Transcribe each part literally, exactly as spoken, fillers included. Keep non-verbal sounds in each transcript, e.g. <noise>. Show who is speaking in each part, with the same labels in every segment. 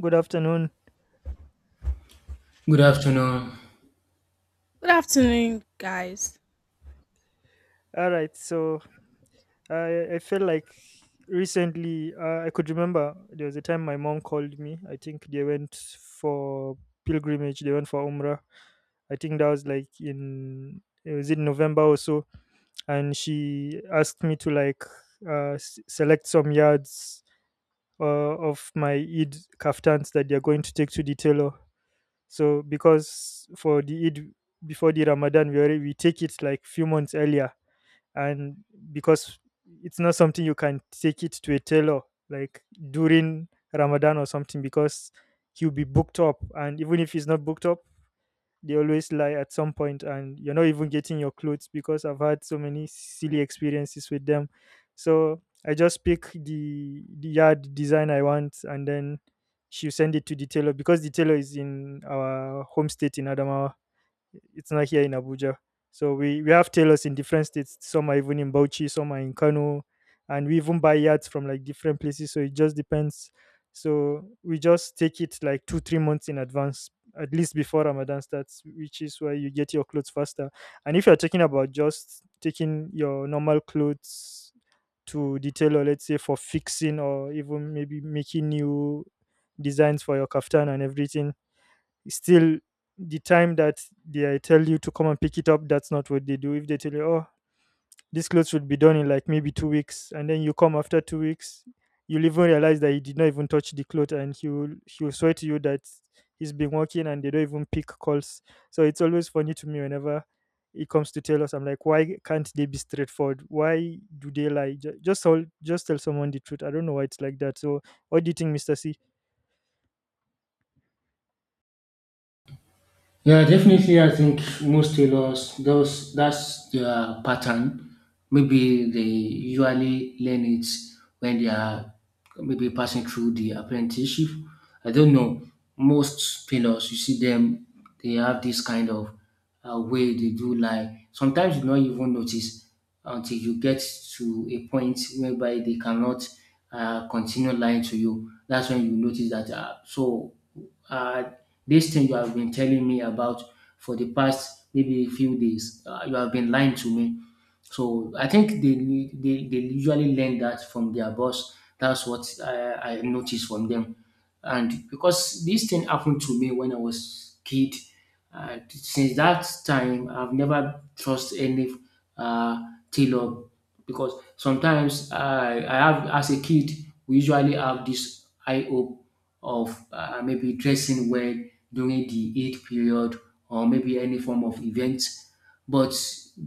Speaker 1: Good afternoon.
Speaker 2: Good afternoon.
Speaker 3: Good afternoon, guys.
Speaker 1: All right. So I I feel like recently uh, I could remember there was a time my mom called me. I think they went for pilgrimage. They went for Umrah. I think that was like in it was in November or so, and she asked me to like uh, s- select some yards uh, of my Eid kaftans that they are going to take to the tailor. So because for the Eid before the Ramadan, we already we take it like few months earlier, and because it's not something you can take it to a tailor like during Ramadan or something, because he'll be booked up, and even if he's not booked up they always lie at some point and you're not even getting your clothes because I've had so many silly experiences with them. So I just pick the the yard design I want and then she'll send it to the tailor because the tailor is in our home state in Adamawa. It's not here in Abuja. So we, we have tailors in different states. Some are even in Bauchi, some are in Kano, and we even buy yards from like different places. So it just depends. So we just take it like two, three months in advance, at least before Ramadan starts, which is why you get your clothes faster. And if you're talking about just taking your normal clothes to detail, or let's say for fixing, or even maybe making new designs for your kaftan and everything, still the time that they tell you to come and pick it up, that's not what they do. If they tell you, oh, this clothes would be done in like maybe two weeks, and then you come after two weeks, you'll even realize that he did not even touch the cloth, and he will he will swear to you that he's been working, and they don't even pick calls. So it's always funny to me whenever it comes to tell us. I'm like, why can't they be straightforward? Why do they lie? Ju- just tell just tell someone the truth. I don't know why it's like that. So what do you think, Mr. C?
Speaker 2: Yeah, definitely. I think most tailors, those that's their pattern. Maybe they usually learn it when they are maybe passing through the apprenticeship. I don't know. Most tailors, you see them, they have this kind of uh, way they do, like sometimes you not even notice until you get to a point whereby they cannot uh, continue lying to you. That's when you notice that. Uh, so uh, This thing you have been telling me about for the past maybe few days, uh, you have been lying to me. So I think they, they, they usually learn that from their boss. That's what I, I noticed from them. And because this thing happened to me when I was kid, uh, since that time, I've never trust any uh, tailor, because sometimes I, I have, as a kid, we usually have this I hope of uh, maybe dressing well during the eight period or maybe any form of event. But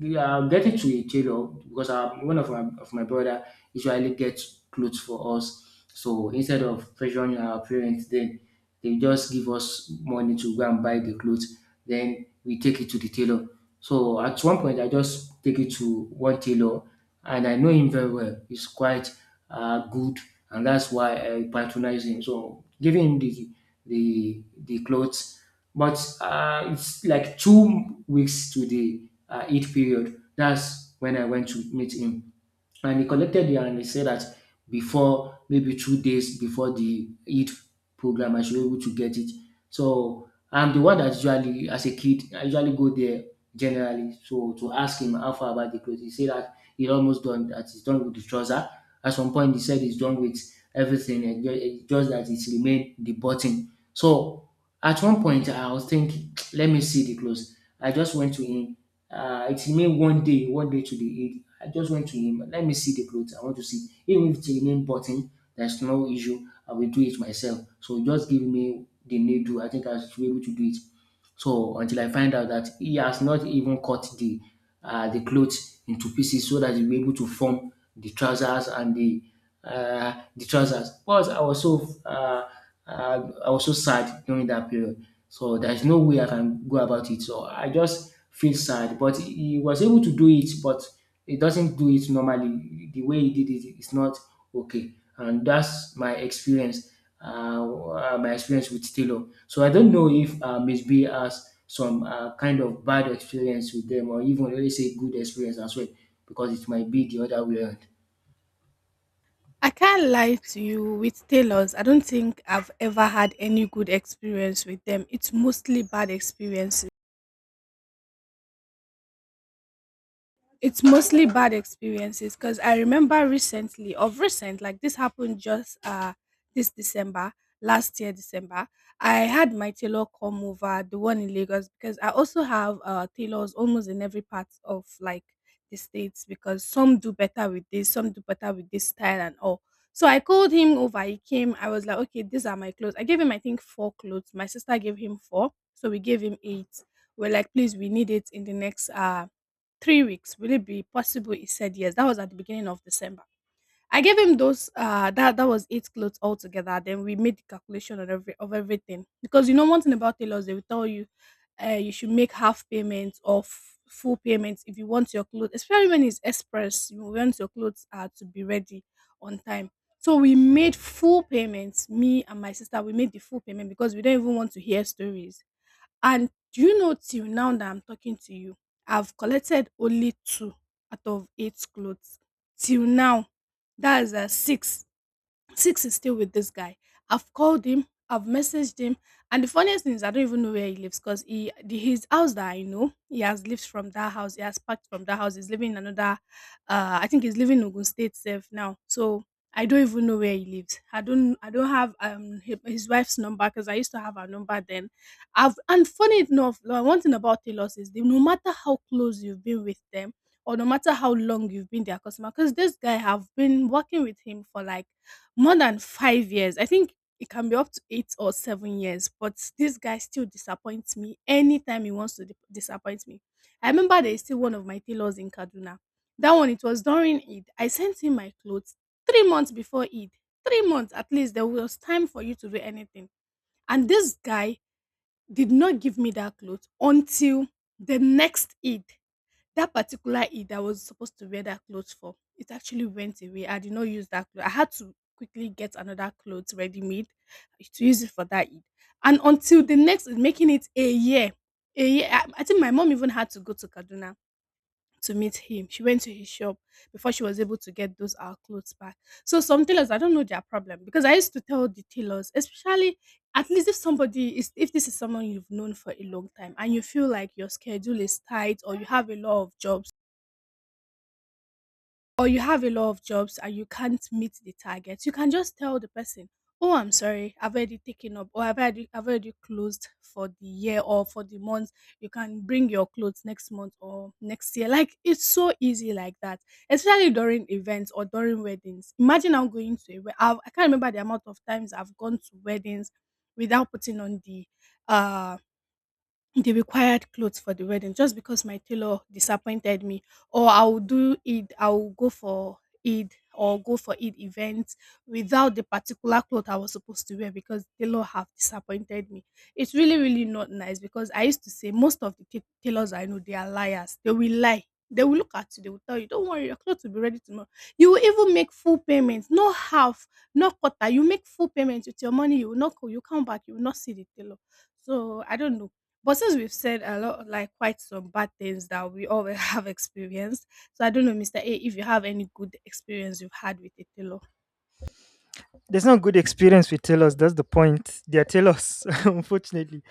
Speaker 2: yeah, getting to a tailor, because our, one of my, of my brother usually gets clothes for us. So instead of pressuring our parents, then they just give us money to go and buy the clothes. Then we take it to the tailor. So at one point, I just take it to one tailor, and I know him very well. He's quite uh, good, and that's why I patronize him. So giving him the the the clothes. But uh, it's like two weeks to the uh, Eid period. That's when I went to meet him, and he collected it and he said that before maybe two days before the Eid program, I should be able to get it. So I'm the one that usually, as a kid, I usually go there generally. So to ask him how far about the clothes, he said that he almost done, that he's done with the trouser. At some point, he said he's done with everything, and ju- it's just that it's remained the button. So at one point, I was thinking, <tsk> let me see the clothes. I just went to him. Uh, it remained one day, one day to the Eid. I just went to him, let me see the clothes. I want to see. Even if it's a name button, there's no issue. I will do it myself. So just give me the needle. I think I should be able to do it. So until I find out that he has not even cut the uh, the clothes into pieces so that he'll be able to form the trousers and the uh, the trousers. But I was so uh, uh, I was so sad during that period. So there's no way I can go about it. So I just feel sad. But he was able to do it, but he doesn't do it normally. The way he did it is not okay. And that's my experience. Uh, uh, my experience with Taylor. So I don't know if uh, Miss B has some uh, kind of bad experience with them, or even let's say good experience as well, because it might be the other way around.
Speaker 3: I can't lie to you with tailors. I don't think I've ever had any good experience with them. It's mostly bad experiences. it's mostly bad experiences because I remember recently, of recent, like this happened just uh this December, last year December. I had my tailor come over, the one in Lagos, because I also have uh tailors almost in every part of like the states because some do better with this, some do better with this style and all. So I called him over. He came. I was like, okay, these are my clothes. I gave him, I think, four clothes. My sister gave him four, so we gave him eight. We're like, please, we need it in the next uh three weeks, will it be possible? He said, yes. That was at the beginning of December. I gave him those uh that that was eight clothes altogether. Then we made the calculation on every of everything. Because you know one thing about tailors, they will tell you uh you should make half payments or f- full payments if you want your clothes, especially when it's express, you want your clothes uh, to be ready on time. So we made full payments. Me and my sister, we made the full payment because we don't even want to hear stories, and do you know till now that I'm talking to you, I've collected only two out of eight clothes. Till now, that is uh, six Six is still with this guy. I've called him, I've messaged him, and the funniest thing is I don't even know where he lives because he the, his house that I know he has lived from that house. He has packed from that house. He's living in another. Uh, I think he's living in Ogun State safe now. So I don't even know where he lives. I don't. I don't have um hi- his wife's number because I used to have her number then. I've and funny enough, like, one thing about Taylor's is that no matter how close you've been with them or no matter how long you've been their customer, because this guy have been working with him for like more than five years. I think it can be up to eight or seven years, but this guy still disappoints me anytime he wants to di disappoint me. I remember there is still one of my tailors in Kaduna. That one, it was during Eid. I sent him my clothes three months before Eid. three months, at least there was time for you to do anything. And this guy did not give me that clothes until the next Eid. That particular Eid I was supposed to wear that clothes for, it actually went away. I did not use that clothes. I had to quickly get another clothes ready made to use it for that Eid. And until the next, making it a year, a year. I, I think my mom even had to go to Kaduna to meet him. She went to his shop before she was able to get those our clothes back. So some tailors, I don't know their problem because I used to tell the tailors, especially at least if somebody is, if this is someone you've known for a long time and you feel like your schedule is tight or you have a lot of jobs or you have a lot of jobs and you can't meet the target, you can just tell the person, oh, I'm sorry, I've already taken up, or I've already, I've already closed for the year or for the month. You can bring your clothes next month or next year. Like, it's so easy like that, especially during events or during weddings. Imagine I'm going to a wedding. I can't remember the amount of times I've gone to weddings without putting on the uh the required clothes for the wedding just because my tailor disappointed me, or I'll do it I'll go for Eid or go for Eid events without the particular cloth I was supposed to wear because tailor have disappointed me. It's really, really not nice because I used to say most of the ta- tailors I know they are liars. They will lie. They will look at you. They will tell you, don't worry, your clothes will be ready tomorrow. You will even make full payment. Not half, not quarter. You make full payment with your money. You will not. co- You come back. You will not see the tailor. So I don't know, but since we've said a lot, like quite some bad things that we all <laughs> have experienced, so I don't know, mister A, if you have any good experience you've had with a tailor.
Speaker 1: There's no good experience with tailors. That's the point. They are tailors, <laughs> unfortunately.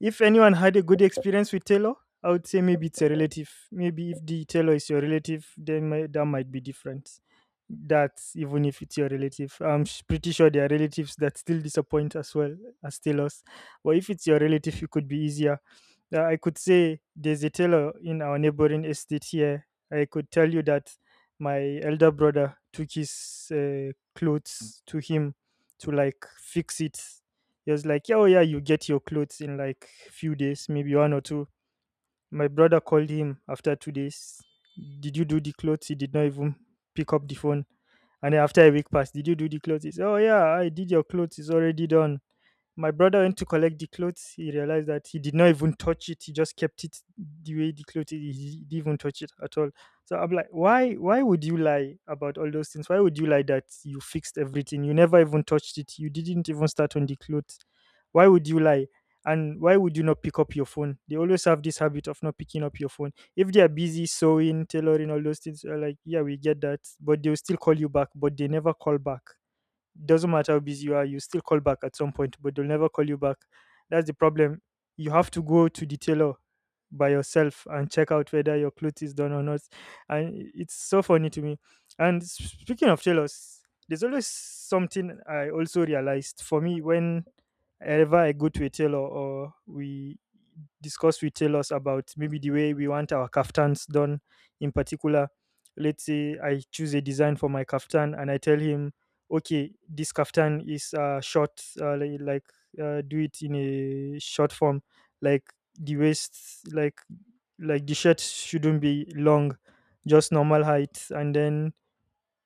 Speaker 1: If anyone had a good experience with Taylor, I would say maybe it's a relative. Maybe if the Taylor is your relative, then mi- that might be different. That's even if it's your relative. I'm s- pretty sure there are relatives that still disappoint as well, as Taylors. But if it's your relative, it could be easier. Uh, I could say there's a Taylor in our neighboring estate here. I could tell you that my elder brother took his uh, clothes to him to like fix it. He was like, "Yeah, oh yeah, you get your clothes in like few days, maybe one or two." My brother called him after two days. Did you do the clothes? He did not even pick up the phone. And then after a week passed, did you do the clothes? He said, "Oh yeah, I did your clothes. It's already done." My brother went to collect the clothes. He realized that he did not even touch it. He just kept it the way the clothes. He he didn't even touch it at all. So I'm like, why? Why would you lie about all those things? Why would you lie that you fixed everything? You never even touched it. You didn't even start on the clothes. Why would you lie? And why would you not pick up your phone? They always have this habit of not picking up your phone. If they are busy sewing, tailoring, all those things, you're like, yeah, we get that. But they'll still call you back, but they never call back. Doesn't matter how busy you are, you still call back at some point, but they'll never call you back. That's the problem. You have to go to the tailor by yourself and check out whether your clothes is done or not. And it's so funny to me. And s- Speaking of tailors, there's always something I also realized for me when ever I go to a tailor, or we discuss with tailors about maybe the way we want our kaftans done in particular. Let's say I choose a design for my kaftan and I tell him, okay, this kaftan is uh short, uh, like, like uh, do it in a short form, like the waist, like like the shirt shouldn't be long, just normal height, and then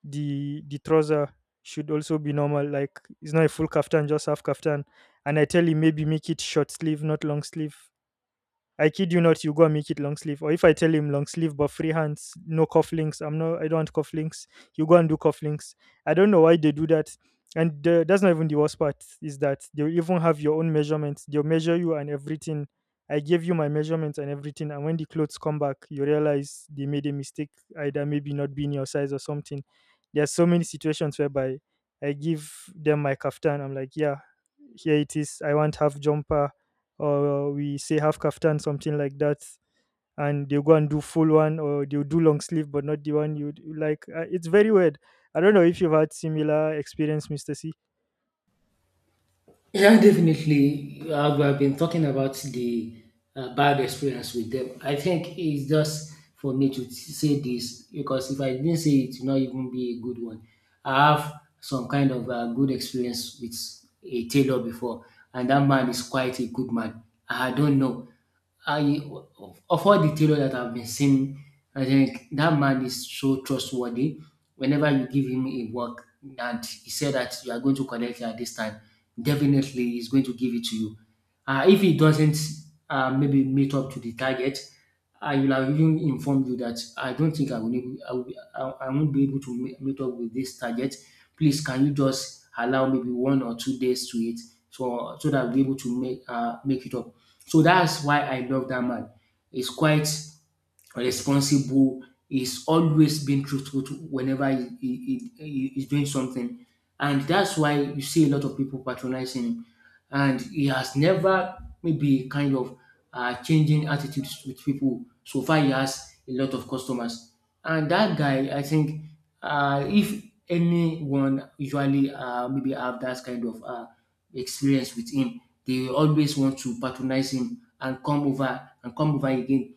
Speaker 1: the the trouser should also be normal, like it's not a full kaftan, just half kaftan, and I tell you, maybe make it short sleeve, not long sleeve. I kid you not, you go and make it long sleeve. Or if I tell him long sleeve but free hands, no cufflinks. I'm not. I don't want cufflinks. You go and do cufflinks. I don't know why they do that. And the, that's not even the worst part. Is that they'll even have your own measurements. They'll measure you and everything. I gave you my measurements and everything. And when the clothes come back, you realize they made a mistake. Either maybe not being your size or something. There are so many situations whereby I give them my kaftan. I'm like, yeah, here it is. I want half jumper, or we say half kaftan, something like that, and they go and do full one, or they'll do long sleeve but not the one you like. Uh, it's very weird. I don't know if you've had similar experience, Mister C.
Speaker 2: Yeah, definitely. As we have been talking about the uh, bad experience with them, I think it's just for me to say this, because if I didn't say it, it will not even be a good one. I have some kind of uh, good experience with a tailor before, and that man is quite a good man. I don't know. I of all the tailor that I've been seeing, I think that man is so trustworthy. Whenever you give him a work and he said that you are going to collect it at this time, definitely he's going to give it to you. Uh, if he doesn't uh, maybe meet up to the target, I will have even informed you that I don't think I will, able- I, will I, I won't be able to me- meet up with this target. Please, can you just allow maybe one or two days to it, so so that I'll be able to make uh, make it up. So that's why I love that man. He's quite responsible. He's always been truthful to whenever he, he, he, he- he's doing something. And that's why you see a lot of people patronizing him. And he has never maybe kind of uh, changing attitudes with people. So far, he has a lot of customers. And that guy, I think, uh, if anyone usually uh, maybe have that kind of uh, experience with him, they will always want to patronize him and come over and come over again.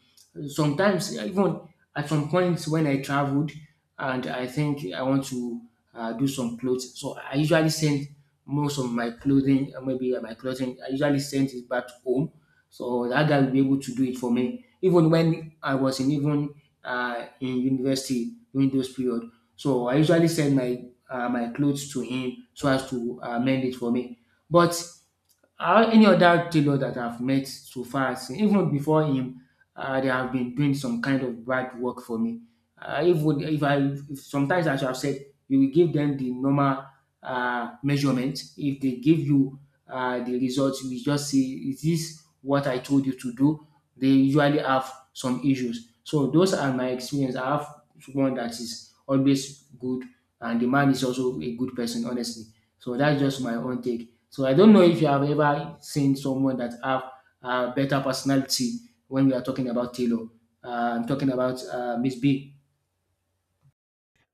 Speaker 2: Sometimes even at some points when I traveled and I think I want to uh, do some clothes, so I usually send most of my clothing, uh, maybe uh, my clothing, I usually send it back home. So that guy will be able to do it for me. Even when I was in even uh, in university during those period, so I usually send my uh, my clothes to him so as to uh, mend it for me. But how any other tailor that I've met so far as even before him, uh, they have been doing some kind of bad work for me. Uh, if would if I if sometimes I should have said you will give them the normal uh, measurement. If they give you uh, the results, you will just say is this what I told you to do. They usually have some issues. So those are my experience. I have one that is always good, and the man is also a good person, honestly. So that's just my own take. So I don't know if you have ever seen someone that have a better personality when we are talking about Taylor. Uh, I'm talking about uh, Miss B.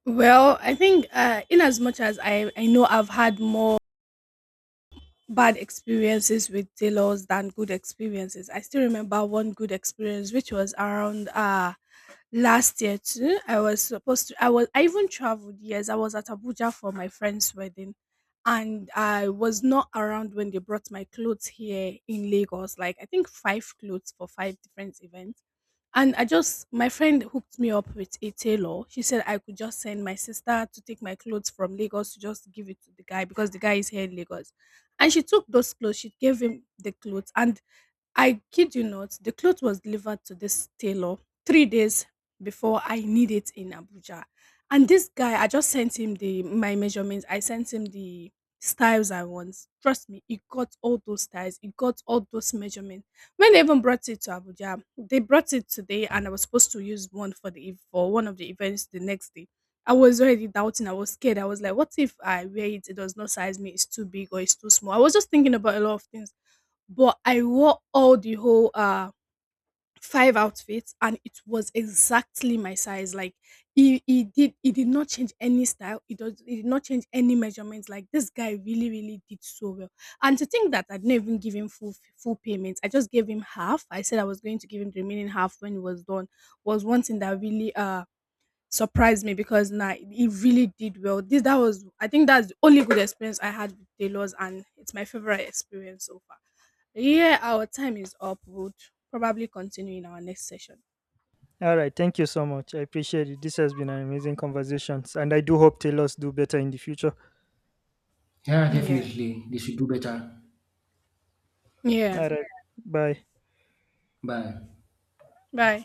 Speaker 3: Well, I think uh, in as much as I, I know I've had more bad experiences with tailors than good experiences, I still remember one good experience, which was around uh, last year too. I was supposed to I was I even traveled, yes, I was at Abuja for my friend's wedding, and I was not around when they brought my clothes here in Lagos, like I think five clothes for five different events. And I just, my friend hooked me up with a tailor. She said I could just send my sister to take my clothes from Lagos to just give it to the guy because the guy is here in Lagos. And she took those clothes, she gave him the clothes. And I kid you not, the cloth was delivered to this tailor three days before I need it in Abuja. And this guy, I just sent him the my measurements. I sent him the styles I want. Trust me, he got all those styles. He got all those measurements. When they even brought it to Abuja, they brought it today, and I was supposed to use one for the ev- for one of the events the next day. I was already doubting. I was scared. I was like, what if I wear it? It does not size me. It's too big or it's too small. I was just thinking about a lot of things, but I wore all the whole uh five outfits and it was exactly my size. Like he, he did he did not change any style. It does he did not change any measurements. Like this guy really, really did so well. And to think that I didn't even give him full full payment. I just gave him half. I said I was going to give him the remaining half when he was done was one thing that really uh surprised me because nah, it really did well. This that was I think that's the only good experience I had with tailors, and it's my favorite experience so far. Yeah, our time is up. We'll probably continue in our next session.
Speaker 1: All right, thank you so much. I appreciate it. This has been an amazing conversation, and I do hope Taylors do better in the future.
Speaker 2: Yeah,
Speaker 3: Yeah.
Speaker 2: definitely. They should do better.
Speaker 3: Yeah.
Speaker 1: All right, bye.
Speaker 2: Bye.
Speaker 3: Bye.